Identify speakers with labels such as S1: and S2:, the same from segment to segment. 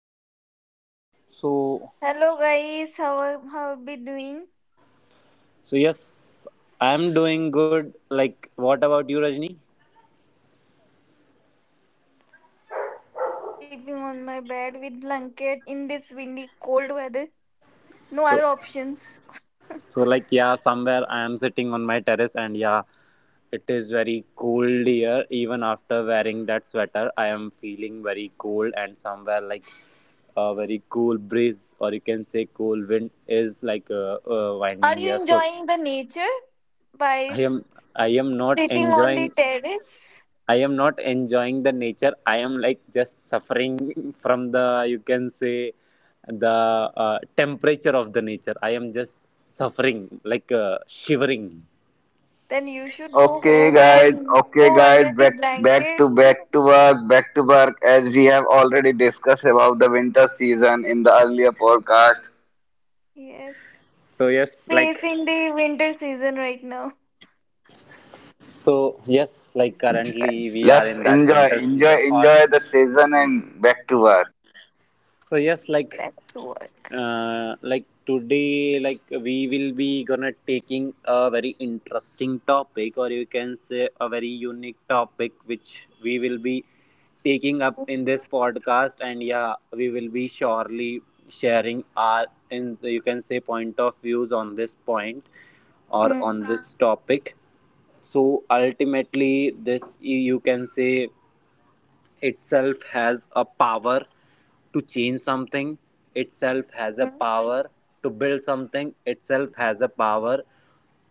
S1: life?
S2: So
S3: Hello guys, how are we doing?
S2: so yes, I'm doing good. Like what about you Rajni?
S3: I'm just sleeping on my bed with blanket in this windy cold weather. No other options.
S2: So, so yeah, somewhere I am sitting on my terrace and yeah, it is very cold here. Even after wearing that sweater, I am feeling very cold and somewhere like a very cool breeze or you can say cool wind is like
S3: Are you
S2: winding here. So
S3: enjoying the nature by
S2: I am
S3: s-
S2: I am not
S3: sitting on the
S2: enjoying
S3: terrace?
S2: I am not enjoying the nature. I am like just suffering from the, you can say, the temperature of the nature. I am just suffering, like shivering.
S3: Then you should go home and
S1: Okay
S3: go under
S1: guys,
S3: the
S1: back back
S3: blanket.
S1: to back to work, back to work, as we have already discussed about the winter season in the earlier podcast.
S3: Yes,
S2: So, yes, like,
S3: facing the winter season right now.
S2: so, yes,
S1: Okay?
S2: like
S1: J-
S2: currently we are
S1: Let's
S2: in that winter season. Or,
S1: enjoy the season and back to work.
S2: so, yes, like
S3: Back to work.
S2: uh, like today we will be gonna taking a very interesting topic or you can say a very unique topic which we will be taking up in this podcast, and yeah we will be surely sharing our in you can say point of views on this point or
S3: Hmm.
S2: on this topic. So ultimately this you can say itself has a power to change something, itself has a
S3: hmm,
S2: power to build something, itself has a power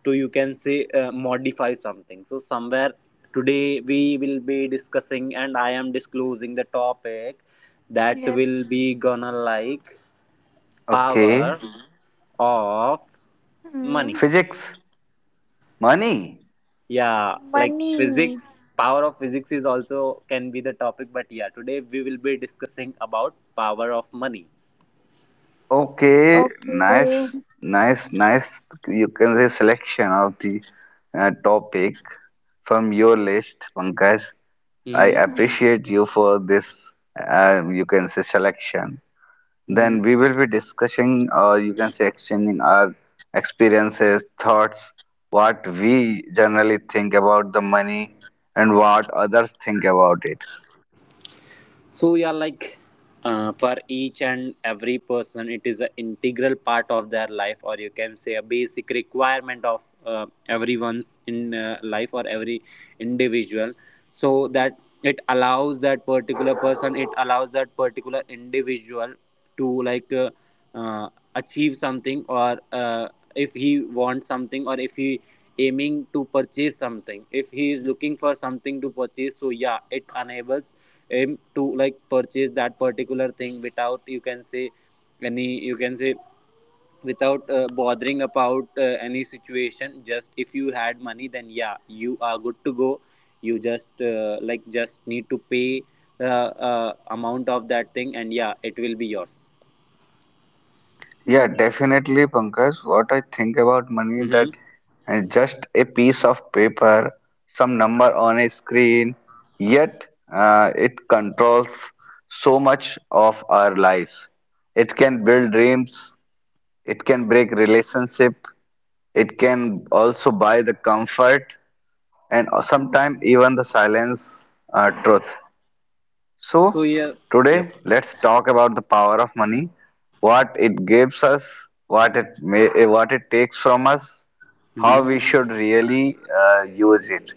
S2: to you can say modify something. So somewhere today we will be discussing, and I am disclosing the topic that will
S3: Yes.
S2: be gonna like
S1: Okay.
S2: power of money.
S3: Hmm.
S1: Physics, money.
S2: Yeah, like
S3: Money.
S2: physics, power of physics is also can be the topic, but yeah today we will be discussing about power of money.
S1: Okay,
S3: Okay.
S1: nice, nice, nice. You can say selection of the topic from your list, Pankaj. I
S2: Uhum.
S3: Mm-hmm.
S1: appreciate you for this. You can say selection. Then
S2: Uhum.
S1: we will be discussing, or you can say exchanging our experiences, thoughts, what we generally think about the money, and what others think about it.
S2: So yeah, like for each and every person it is an integral part of their life or you can say a basic requirement of everyone's in life or every individual, so that it allows that particular person, it allows that particular individual to like uh, achieve something, or if he wants something or if he aiming to purchase something, if he is looking for something to purchase, so yeah it enables aim to like purchase that particular thing without you can say any you can say without bothering about any situation. Just if you had money then yeah you are good to go. You just like just need to pay the uh, amount of that thing and yeah it will be yours.
S1: Yeah,
S3: Hmm.
S1: definitely, Pankaj. What I think about money that
S2: Mm-hmm.
S1: just a piece of paper, some number on a screen, yet it controls so much of our lives. It can build dreams, it can break relationship, it can also buy the comfort, and sometimes even the silence, truth.
S2: So
S1: So,
S2: yeah. Yep.
S1: today let's talk about the power of money, what it gives us, what it may, what it takes from us, how we
S2: Mm-hmm.
S1: should really use it.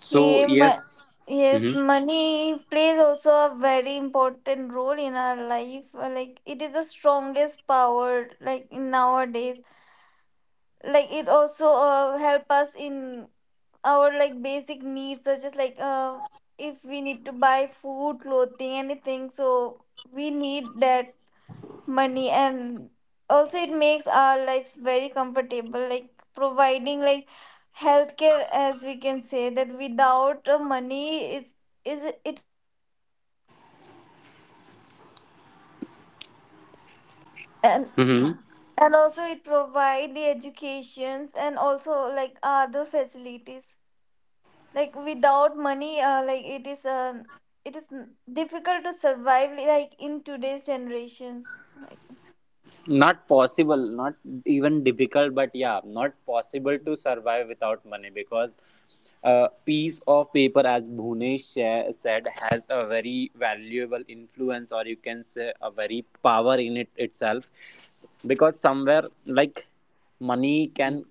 S2: So
S3: Okay, ma-
S2: yes.
S3: yes,
S2: Mm-hmm.
S3: money plays also a very important role in our life. Like it is the strongest power. Like in nowadays, like it also help us in our like basic needs, such as if we need to buy food, clothing, anything. So we need that money, and also it makes our lives very comfortable, like providing like healthcare, as we can say that without money is it
S4: and
S2: Mm-hmm.
S4: and also it provide the educations and also like other facilities like without money, like it is, it is difficult to survive like in today's generations like
S2: Not possible, not even difficult, but yeah not possible to survive without money, because a piece of paper, as Bhunesh said, has a very valuable influence or you can say a very power in it itself. Because somewhere like money can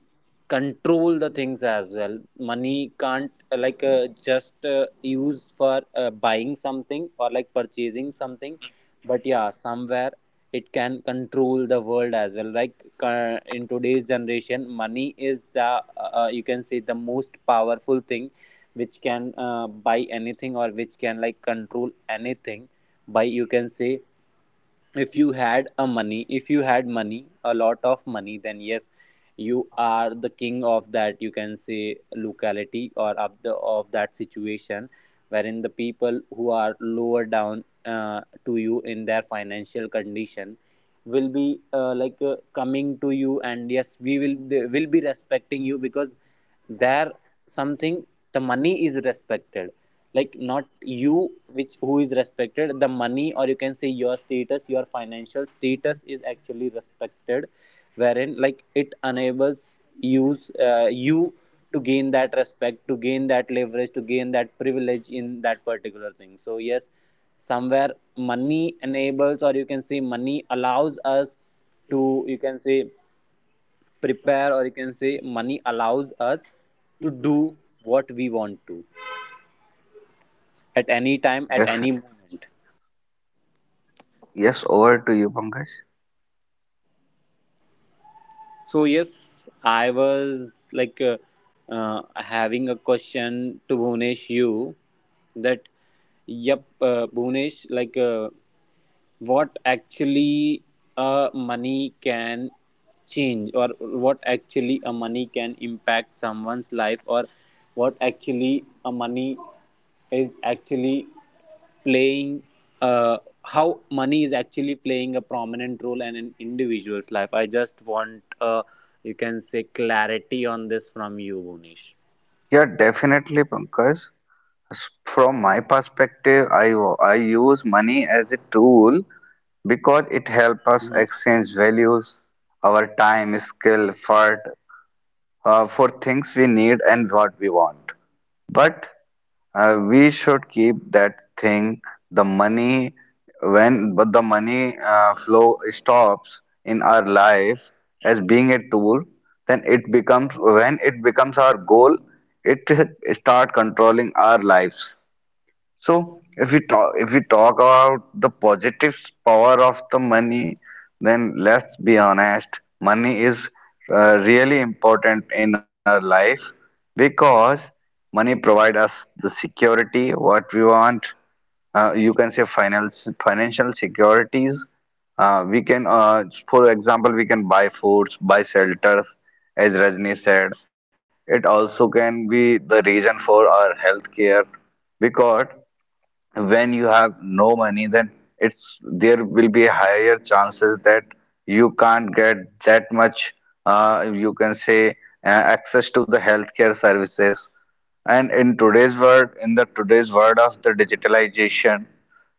S2: control the things as well. Money can't like just used for buying something or like purchasing something, but yeah somewhere it can control the world as well. Like in today's generation money is the you can say the most powerful thing which can buy anything or which can like control anything by you can say, if you had a money if you had money, a lot of money, then yes you are the king of that you can say locality or of the of that situation, wherein the people who are lower down to you in their financial condition will be like coming to you, and yes we will they will be respecting you because there something, the money is respected, like not you, which who is respected, the money, or you can say your status, your financial status is actually respected, wherein like it enables use you to gain that respect, to gain that leverage, to gain that privilege in that particular thing. So yes, somewhere money enables, or you can say money allows us to you can say prepare, or you can say money allows us to do what we want to at any time, at
S1: Def-
S2: any moment.
S1: yes, over to you, Pankaj.
S2: So yes, I was like having a question to Bhunesh you, that yep Bhunesh, like what actually money can change, or what actually a money can impact someone's life, or what actually a money is actually playing uh, how money is actually playing a prominent role in an individual's life. I just want you can say clarity on this from you Bonish.
S1: Yeah, definitely, Pankaj. From my perspective, I use money as a tool because it helps us
S2: Mm-hmm.
S1: exchange values, our time, skill, effort, for things we need and what we want. But we should keep that thing, the money, when but the money flow stops in our life as being a tool, then it becomes when it becomes our goal, it start controlling our lives. So if we talk about the positive power of the money, then let's be honest, money is really important in our life because money provides us the security what we want. You can say finance financial securities. We can, for example, we can buy foods, buy shelters, as Rajni said. It also can be the reason for our health care because when you have no money then it's there will be higher chances that you can't get that much you can say access to the healthcare services. And in today's world in the today's world of the digitalization,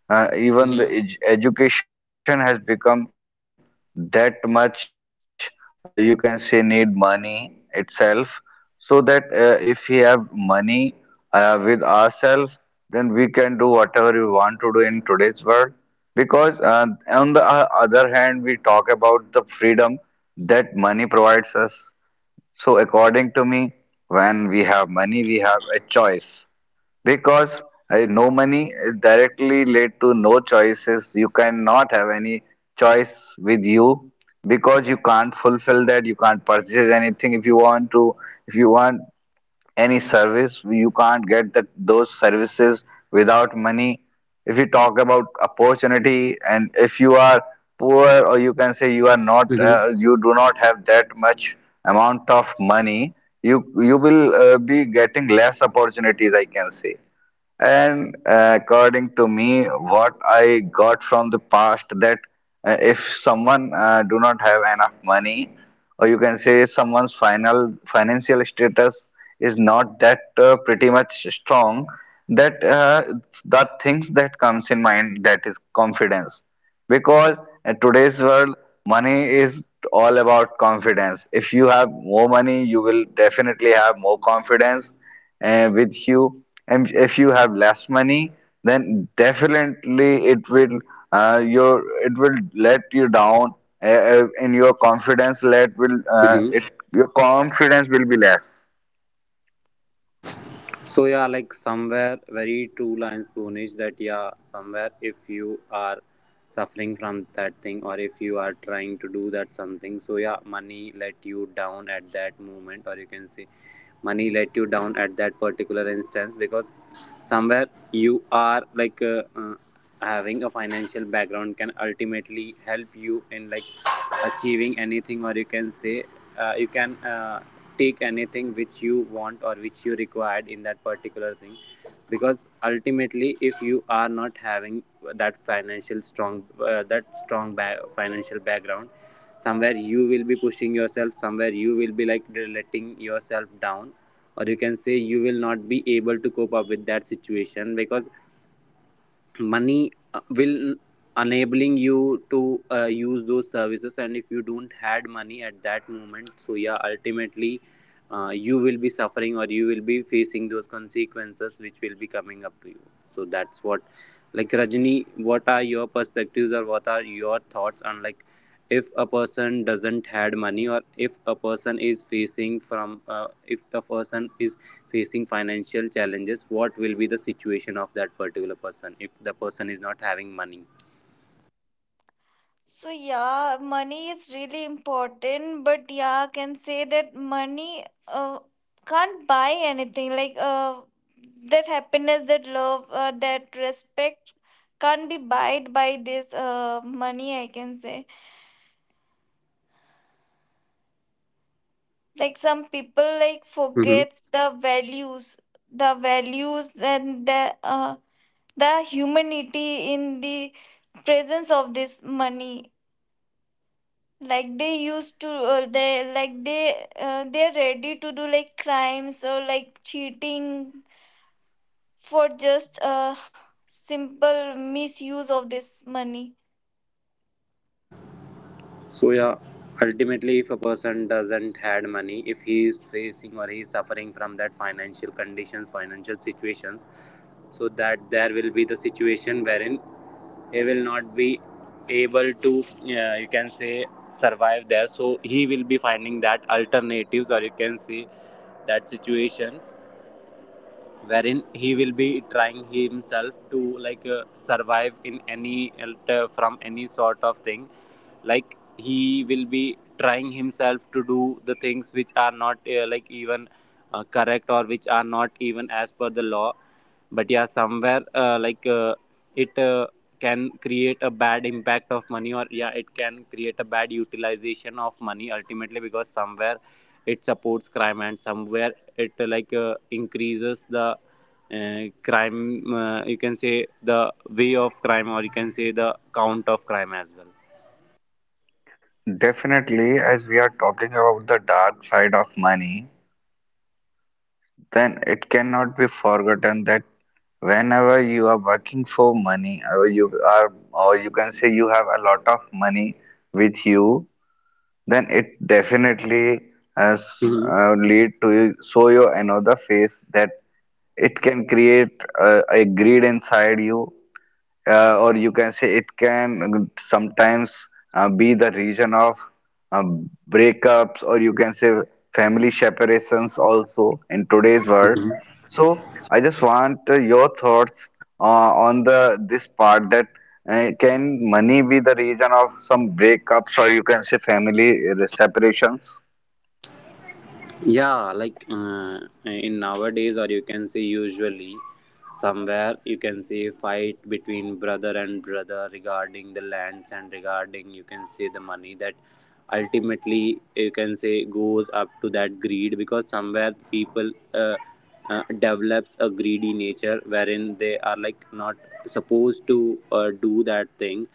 S1: even the
S2: Mm-hmm.
S1: ed education has become that much, you can say, need money itself, so that if we have money with ourselves, then we can do whatever we want to do in today's world. Because on the other hand, we talk about the freedom that money provides us. So according to me, when we have money we have a choice, because no money directly led to no choices. You cannot have any choice with you, because you can't fulfill that, you can't purchase anything if you want to. If you want any service you can't get that those services without money. If you talk about opportunity, and if you are poor, or you can say you are not
S2: Mm-hmm.
S1: you do not have that much amount of money, you will be getting less opportunities, I can say. And according to me, what I got from the past, that if someone do not have enough money, or you can say someone's final financial status is not that pretty much strong, that that things that comes in mind, that is confidence. Because in today's world, money is all about confidence. If you have more money you will definitely have more confidence with you, and if you have less money, then definitely it will let you down, and your confidence will be less.
S2: So yeah, like somewhere very true lines Bonish, that yeah, somewhere if you are suffering from that thing or if you are trying to do that something, so yeah, money let you down at that moment, or you can say money let you down at that particular instance, because somewhere you are like having a financial background can ultimately help you in like achieving anything, or you can say you can take anything which you want or which you required in that particular thing. Because ultimately if you are not having that financial strong that strong financial background, somewhere you will be pushing yourself, somewhere you will be like letting yourself down, or you can say you will not be able to cope up with that situation, because money will enabling you to use those services. And if you don't had money at that moment, so yeah ultimately you will be suffering or you will be facing those consequences which will be coming up to you. So that's what, like Rajni, what are your perspectives or what are your thoughts on like, if a person doesn't had money or if a person is facing from if a person is facing financial challenges, what will be the situation of that particular person if the person is not having money?
S5: So yeah, money is really important, but yeah, I can say that money can't buy anything. Like that happiness, that love, that respect can't be bought by this money. I can say like some people like
S2: Hmm.
S5: forgets the values and the the humanity in the presence of this money. Like they used to they're ready to do like crimes or like cheating for just a simple misuse of this money.
S2: So yeah ultimately, if a person doesn't had money, if he is facing or he is suffering from that financial conditions, financial situations, so that there will be the situation wherein he will not be able to you can say survive there. So he will be finding that alternatives, or you can say that situation wherein he will be trying himself to like survive in any from any sort of thing. Like he will be trying himself to do the things which are not like even correct, or which are not even as per the law, but yeah somewhere like it can create a bad impact of money, or yeah it can create a bad utilization of money ultimately, because somewhere it supports crime and somewhere it like increases the crime, you can say the way of crime, or you can say the count of crime as well.
S1: Definitely, as we are talking about the dark side of money, then it cannot be forgotten that whenever you are working for money, or you are or you can say you have a lot of money with you, then it definitely has,
S2: Mhm.
S1: lead to show you another face, that it can create a greed inside you, or you can say it can sometimes be the reason of, breakups, or you can say family separations also in today's world. So I just want your thoughts uh, on the this part, that can money be the reason of some breakups, or you can say family separations?
S2: Yeah, like in nowadays, or you can say usually, somewhere you can say fight between brother and brother regarding the lands and regarding you can say the money, that ultimately you can say goes up to that greed, because somewhere people develops a greedy nature wherein they are like not supposed to do that thing.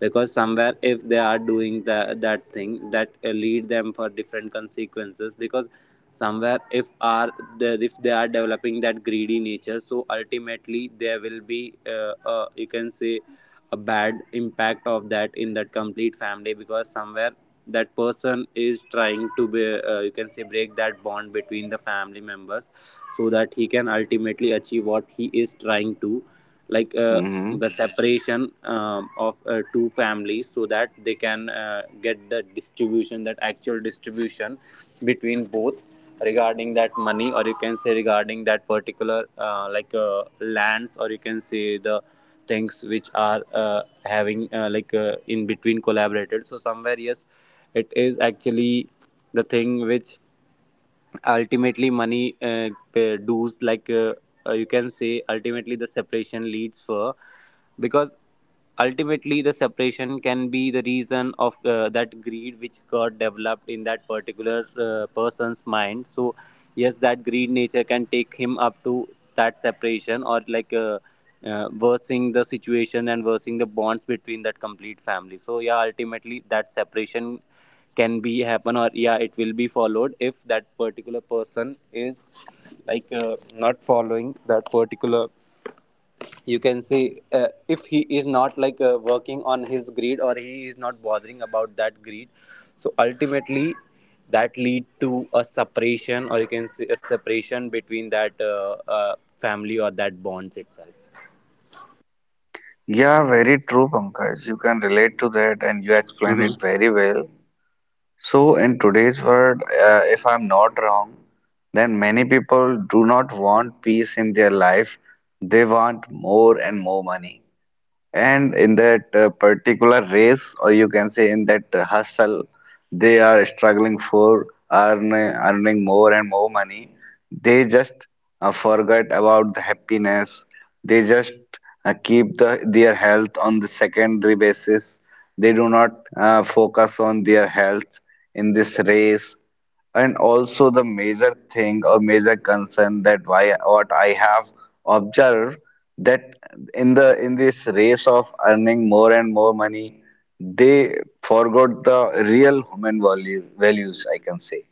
S2: Because somewhere if they are doing that thing, that lead them for different consequences, because somewhere if they are developing that greedy nature, so ultimately there will be you can say a bad impact of that in that complete family, because somewhere that person is trying to be you can say break that bond between the family members, so that he can ultimately achieve what he is trying to like
S1: Mm-hmm.
S2: the separation of two families, so that they can get the distribution, that actual distribution between both, regarding that money, or you can say regarding that particular like lands, or you can say the things which are having like in between collaborated. So somewhere yes, it is actually the thing which ultimately money dues, like you can say ultimately the separation leads for, because ultimately the separation can be the reason of that greed which got developed in that particular person's mind. So yes, that greed nature can take him up to that separation, or like worsening the situation and worsening the bonds between that complete family, so yeah ultimately that separation can be happen, or yeah it will be followed if that particular person is like not following that particular you can say if he is not like working on his greed, or he is not bothering about that greed, so ultimately that lead to a separation, or you can say a separation between that family or that bonds itself.
S1: Yeah, very true, Pankaj. You can relate to that, and you explained it very well. So, in today's world, if I'm not wrong, then many people do not want peace in their life. They want more and more money. And in that particular race, or you can say in that hustle, they are struggling for earning more and more money. They just forget about the happiness. They just keep their health on the secondary basis. They do not focus on their health in this race. And also the major thing, or major concern, that why what I have observed, that in the in this race of earning more and more money, they forgot the real values, I can say.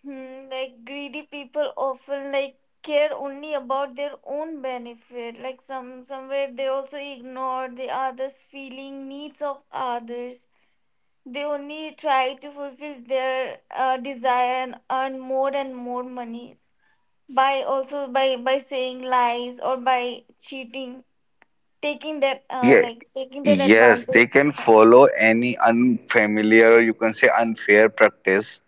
S5: Hmm, like greedy people often like care only about their own benefit, like somewhere they also ignore the others feeling needs of others. They only try to fulfill their desire and earn more and more money by also by saying lies or by cheating, taking that
S1: Yeah,
S5: taking that
S1: yes, they
S5: advantage,
S1: can
S5: yeah.
S1: follow any you can say unfair practice,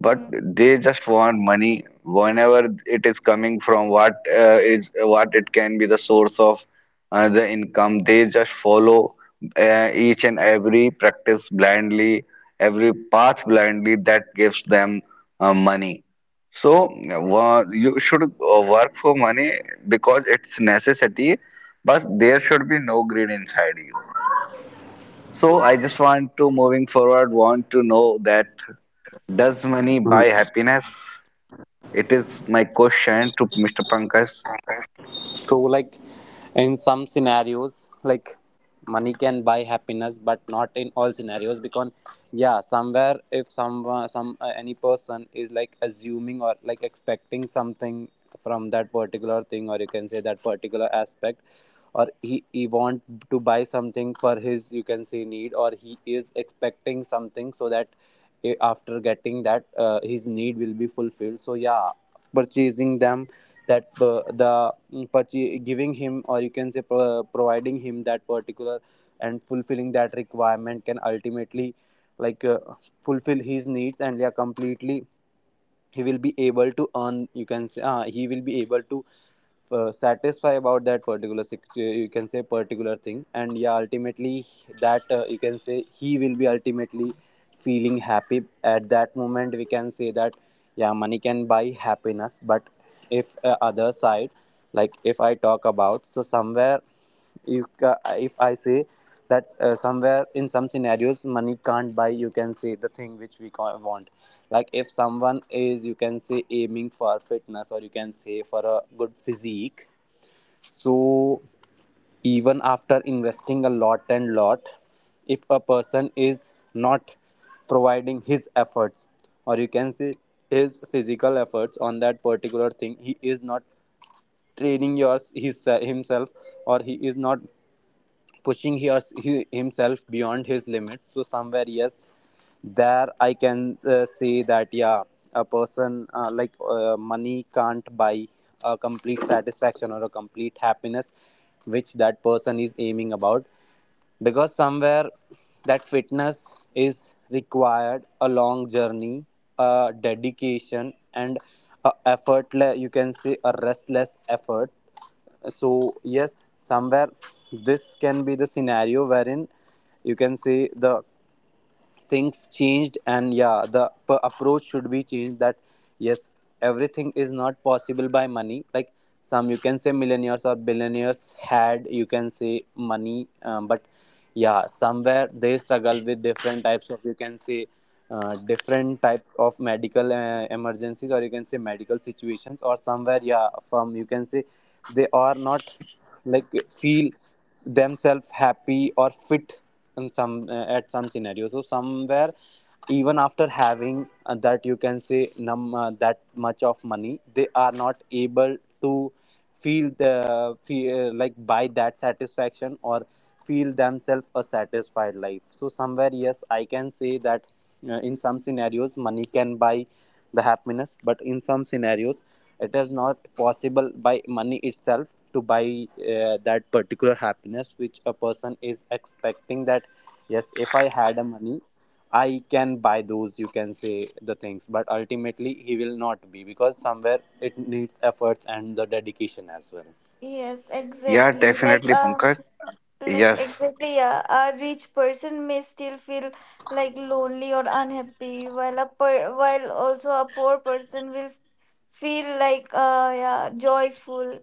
S1: but
S5: Hmm.
S1: they just want money. Whenever it is coming from what, is what it can be the source of the income, they just follow each and every practice blindly, every path blindly, that gives them money. So you should work for money because it's necessity, but there should be no greed inside you. So I just want to, moving forward, want to know that, does money buy happiness? It is my question to Mr. Pankaj.
S2: So like in some scenarios, like money can buy happiness, but not in all scenarios, because yeah somewhere if some some any person is like assuming or like expecting something from that particular thing, or you can say that particular aspect, or he want to buy something for his you can say need, or he is expecting something, so that After getting that his need will be fulfilled, so yeah, purchasing them, that purchase, giving him, or you can say providing him that particular and fulfilling that requirement, can ultimately like uh, fulfill his needs and yeah, completely he will be able to earn, you can say, he will be able to satisfy about that particular you can say particular thing, and yeah, ultimately that you can say he will be ultimately feeling happy at that moment, we can say that. Yeah, money can buy happiness, but if other side, like if I talk about, so somewhere, if I say that somewhere in some scenarios money can't buy, you can say, the thing which we want. Like if someone is, you can say, aiming for fitness or you can say for a good physique, so even after investing a lot and lot, if a person is not providing his efforts, or you can say his physical efforts on that particular thing, he is not training himself, or he is not pushing himself beyond his limits. So somewhere, yes, there I can say that yeah, a person money can't buy a complete satisfaction or a complete happiness, which that person is aiming about, because somewhere that fitness is required a long journey, a dedication, and a effortless, you can say, a restless effort. So yes, somewhere this can be the scenario wherein, you can say, the things changed, and yeah the approach should be changed, that yes, everything is not possible by money. Like, some, you can say, millionaires or billionaires had, you can say, money, but yeah somewhere they struggle with different types of, you can say, different types of medical emergencies, or you can say medical situations, or somewhere yeah, from, you can say, they are not like feel themselves happy or fit in some at some scenario. So somewhere, even after having that, you can say, num that much of money, they are not able to feel the like buy that satisfaction or feel themselves a satisfied life. So somewhere yes, I can say that in some scenarios money can buy the happiness, but in some scenarios it is not possible by money itself to buy that particular happiness which a person is expecting, that yes, if I had a money I can buy those, you can say, the things, but ultimately he will not be, because somewhere it needs efforts and the dedication as well.
S5: Yes,
S1: Yeah,
S5: exactly,
S1: definitely, Pankaj.
S5: like
S1: Yes.
S5: exactly, yeah, a rich person may still feel like lonely or unhappy, while while also a poor person will feel like, uh, yeah, joyful.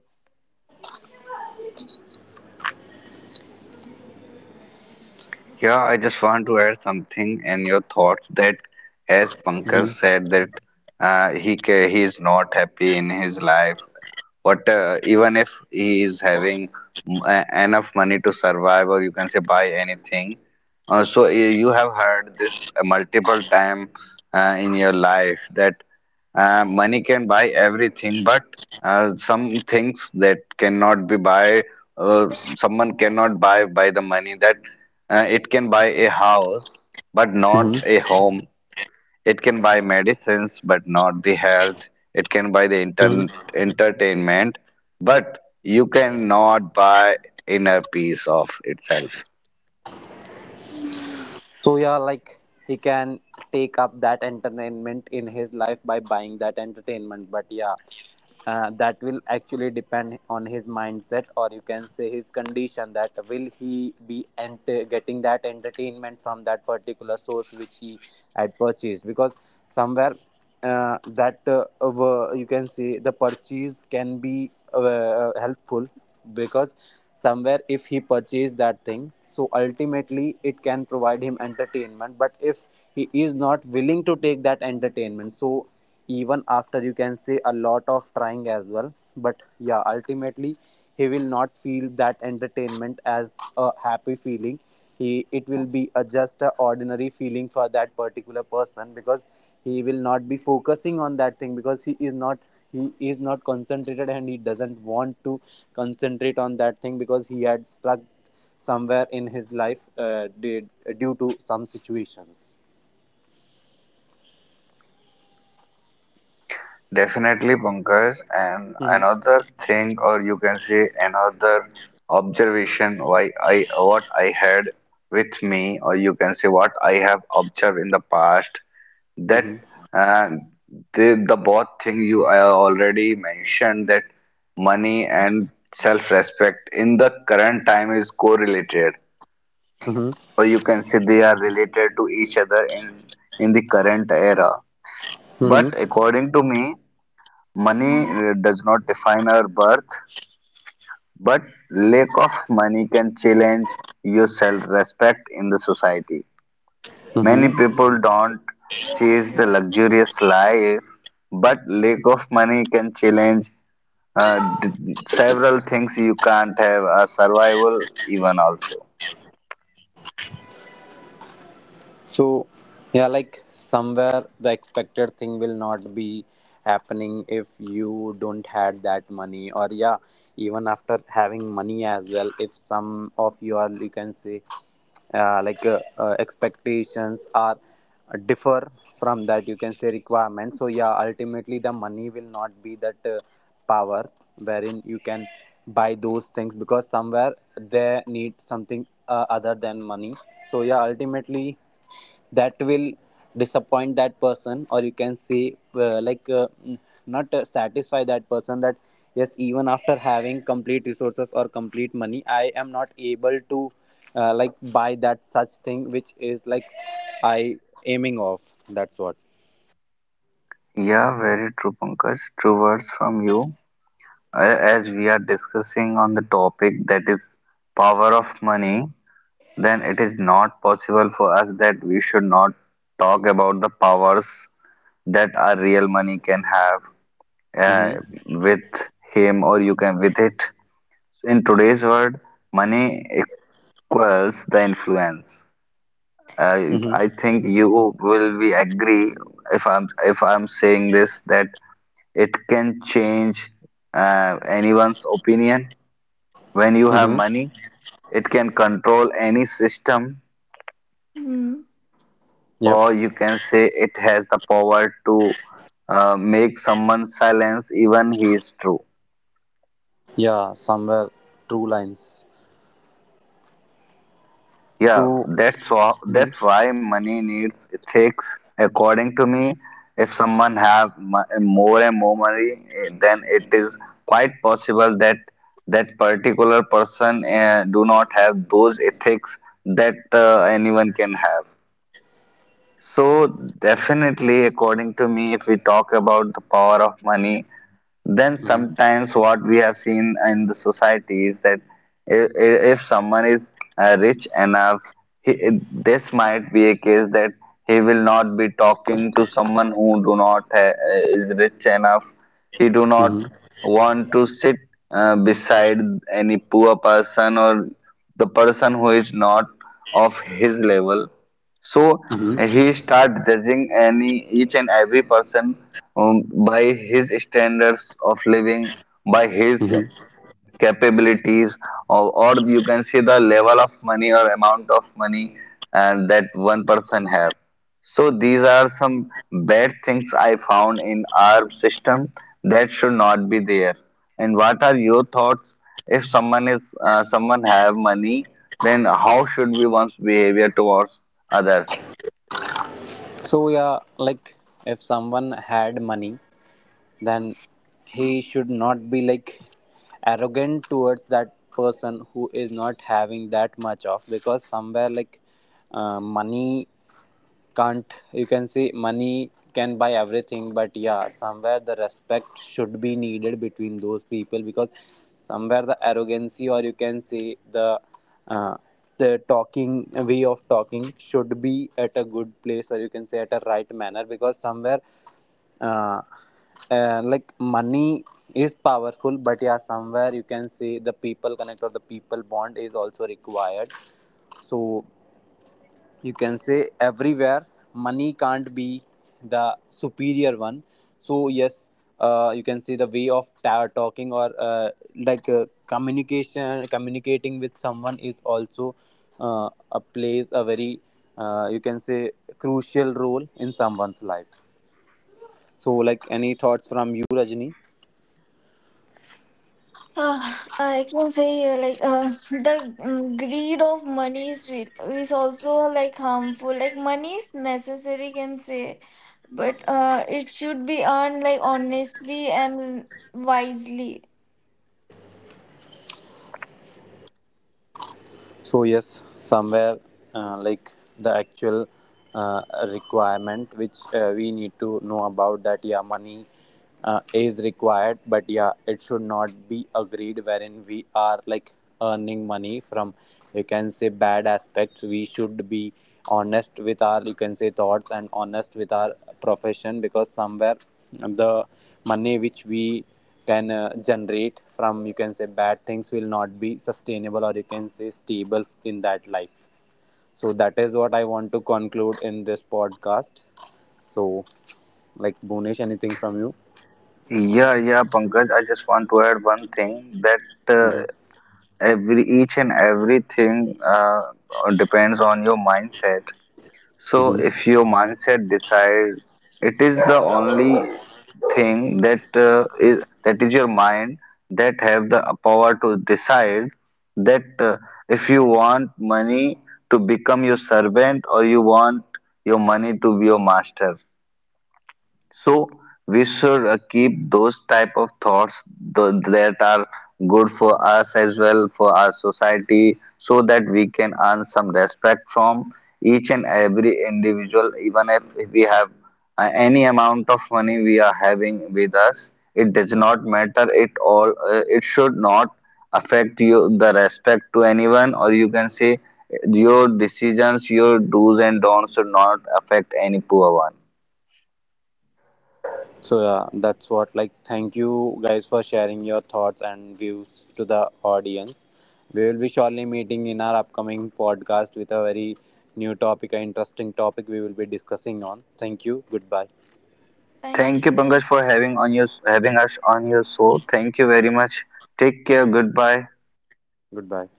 S1: Yeah, I just want to add something in your thoughts that, as Pankaj
S2: Mhm.
S1: said, that he is not happy in his life. But even if he is having, enough money to survive, or you can say buy anything, so you have heard this multiple time in your life that, money can buy everything, but some things that cannot be buy, someone cannot buy by the money. That it can buy a house, but
S2: Mhm.
S1: not a home. It can buy medicines, but not the health. It can buy the inter entertainment, but you cannot buy inner peace of itself.
S2: So yeah, like, he can take up that entertainment in his life by buying that entertainment. But yeah, that will actually depend on his mindset, or you can say his condition, that will he be getting that entertainment from that particular source which he had purchased. Because somewhere you can say the purchase can be helpful, because somewhere if he purchased that thing, so ultimately it can provide him entertainment. But if he is not willing to take that entertainment, so even after, you can say, a lot of trying as well, but yeah ultimately he will not feel that entertainment as a happy feeling. He, it will be a just a ordinary feeling for that particular person, because he will not be focusing on that thing, because he is not concentrated, and he doesn't want to concentrate on that thing, because he had struck somewhere in his life due to some situation.
S1: Definitely, Pankaj. And
S2: Mhm.
S1: another thing, or you can say another observation, why I what I had with me, or you can say what I have observed in the past, that
S2: Mhm.
S1: uh, the both thing you I already mentioned, that money and self-respect in the current time is correlated, or you can say they are related to each other in the current era.
S2: Mhm.
S1: But according to me, money
S5: Hmm.
S1: does not define our birth, but lack of money can challenge your self-respect in the society. Many
S2: Mhm.
S1: people don't chase the luxurious life, but lack of money can challenge several things you can't have, a survival even also.
S2: So yeah, like somewhere the expected thing will not be happening if you don't had that money. Or yeah, even after having money as well, if some of your, you can say, expectations are differ from that, you can say, requirement, so yeah ultimately the money will not be that power wherein you can buy those things, because somewhere they need something other than money. So yeah ultimately that will disappoint that person, or you can say mm, not satisfy that person, that yes, even after having complete resources or complete money, I am not able to like buy that such thing which is like I aiming off. That's what.
S1: Yeah, very true, Pankaj. True words from you. As we are discussing on the topic that is power of money, then it is not possible for us that we should not talk about the powers that our real money can have uh,
S2: Mm-hmm.
S1: with him, or you can with it. So in today's world, money equals the influence.
S2: Mm-hmm.
S1: I think you will be agree, if I'm saying this, that it can change anyone's opinion. When you have
S2: Mm-hmm.
S1: money, it can control any system,
S5: Hmm.
S2: Yep.
S1: or you can say it has the power to make someone silence even he is true.
S2: Yeah, somewhere, true lines.
S1: Yeah,
S2: So.
S1: that's why
S2: Mhm.
S1: that's why money needs ethics. According to me, if someone have more and more money, then it is quite possible that that particular person do not have those ethics that anyone can have. So, definitely, according to me, if we talk about the power of money, then
S2: Mhm.
S1: sometimes what we have seen in the society is that, if someone is rich enough, he, this might be a case that he will not be talking to someone who do not ha- is rich enough. He do not
S2: Mhm.
S1: want to sit beside any poor person, or the person who is not of his level. So
S2: Mhm.
S1: he started judging any each and every person, by his standards of living, by his
S2: Mhm.
S1: capabilities, or you can see the level of money, or amount of money, and that one person have. So these are some bad things I found in our system that should not be there. And what are your thoughts? If someone is someone have money, then how should we one's behavior towards others?
S2: So yeah, like if someone had money, then he should not be like arrogant towards that person who is not having that much of, because somewhere, like, money can't, you can say money can buy everything, but yeah somewhere the respect should be needed between those people. Because somewhere the arrogancy, or you can say uh, the talking way of talking should be at a good place, or you can say at a right manner, because somewhere uh, money is powerful, but yeah somewhere, you can say, the people connect or the people bond is also required. So you can say everywhere money can't be the superior one. So yes, you can see the way of talking, or communication communicating with someone is also a plays a very you can say crucial role in someone's life. So, like, any thoughts from you, Rajni?
S5: I can say, the greed of money is also like harmful. Like money is necessary, can say, but it should be earned like honestly and wisely.
S2: So yes, somewhere like the actual uh, requirement which we need to know about, that yeah, money is required, but yeah, it should not be agreed wherein we are like earning money from, you can say, bad aspects. We should be honest with our, you can say, thoughts, and honest with our profession. Because somewhere the money which we can generate from, you can say, bad things will not be sustainable, or you can say stable in that life. So that is what I want to conclude in this podcast. So, like, Bonish, anything from you?
S1: Yeah, yeah, Pankaj. I just want to add one thing, that every each and everything depends on your mindset. So
S2: Hmm.
S1: if your mindset decide, it is the only thing that is that is your mind that have the power to decide, that if you want money to become your servant, or you want your money to be your master. So we should keep those type of thoughts that are good for us as well for our society, so that we can earn some respect from each and every individual. Even if we have any amount of money we are having with us, it does not matter. It all it should not affect you the respect to anyone, or you can say your decisions, your do's and don'ts should not affect any poor one.
S2: So yeah, that's what. Like, thank you guys for sharing your thoughts and views to the audience. We will be surely meeting in our upcoming podcast with a very new topic, an interesting topic we will be discussing on. Thank you, goodbye.
S5: Thank
S1: Thank you,
S5: you.
S1: Pankaj, for having us on your show. Thank you very much. Take care. Goodbye.
S2: Goodbye.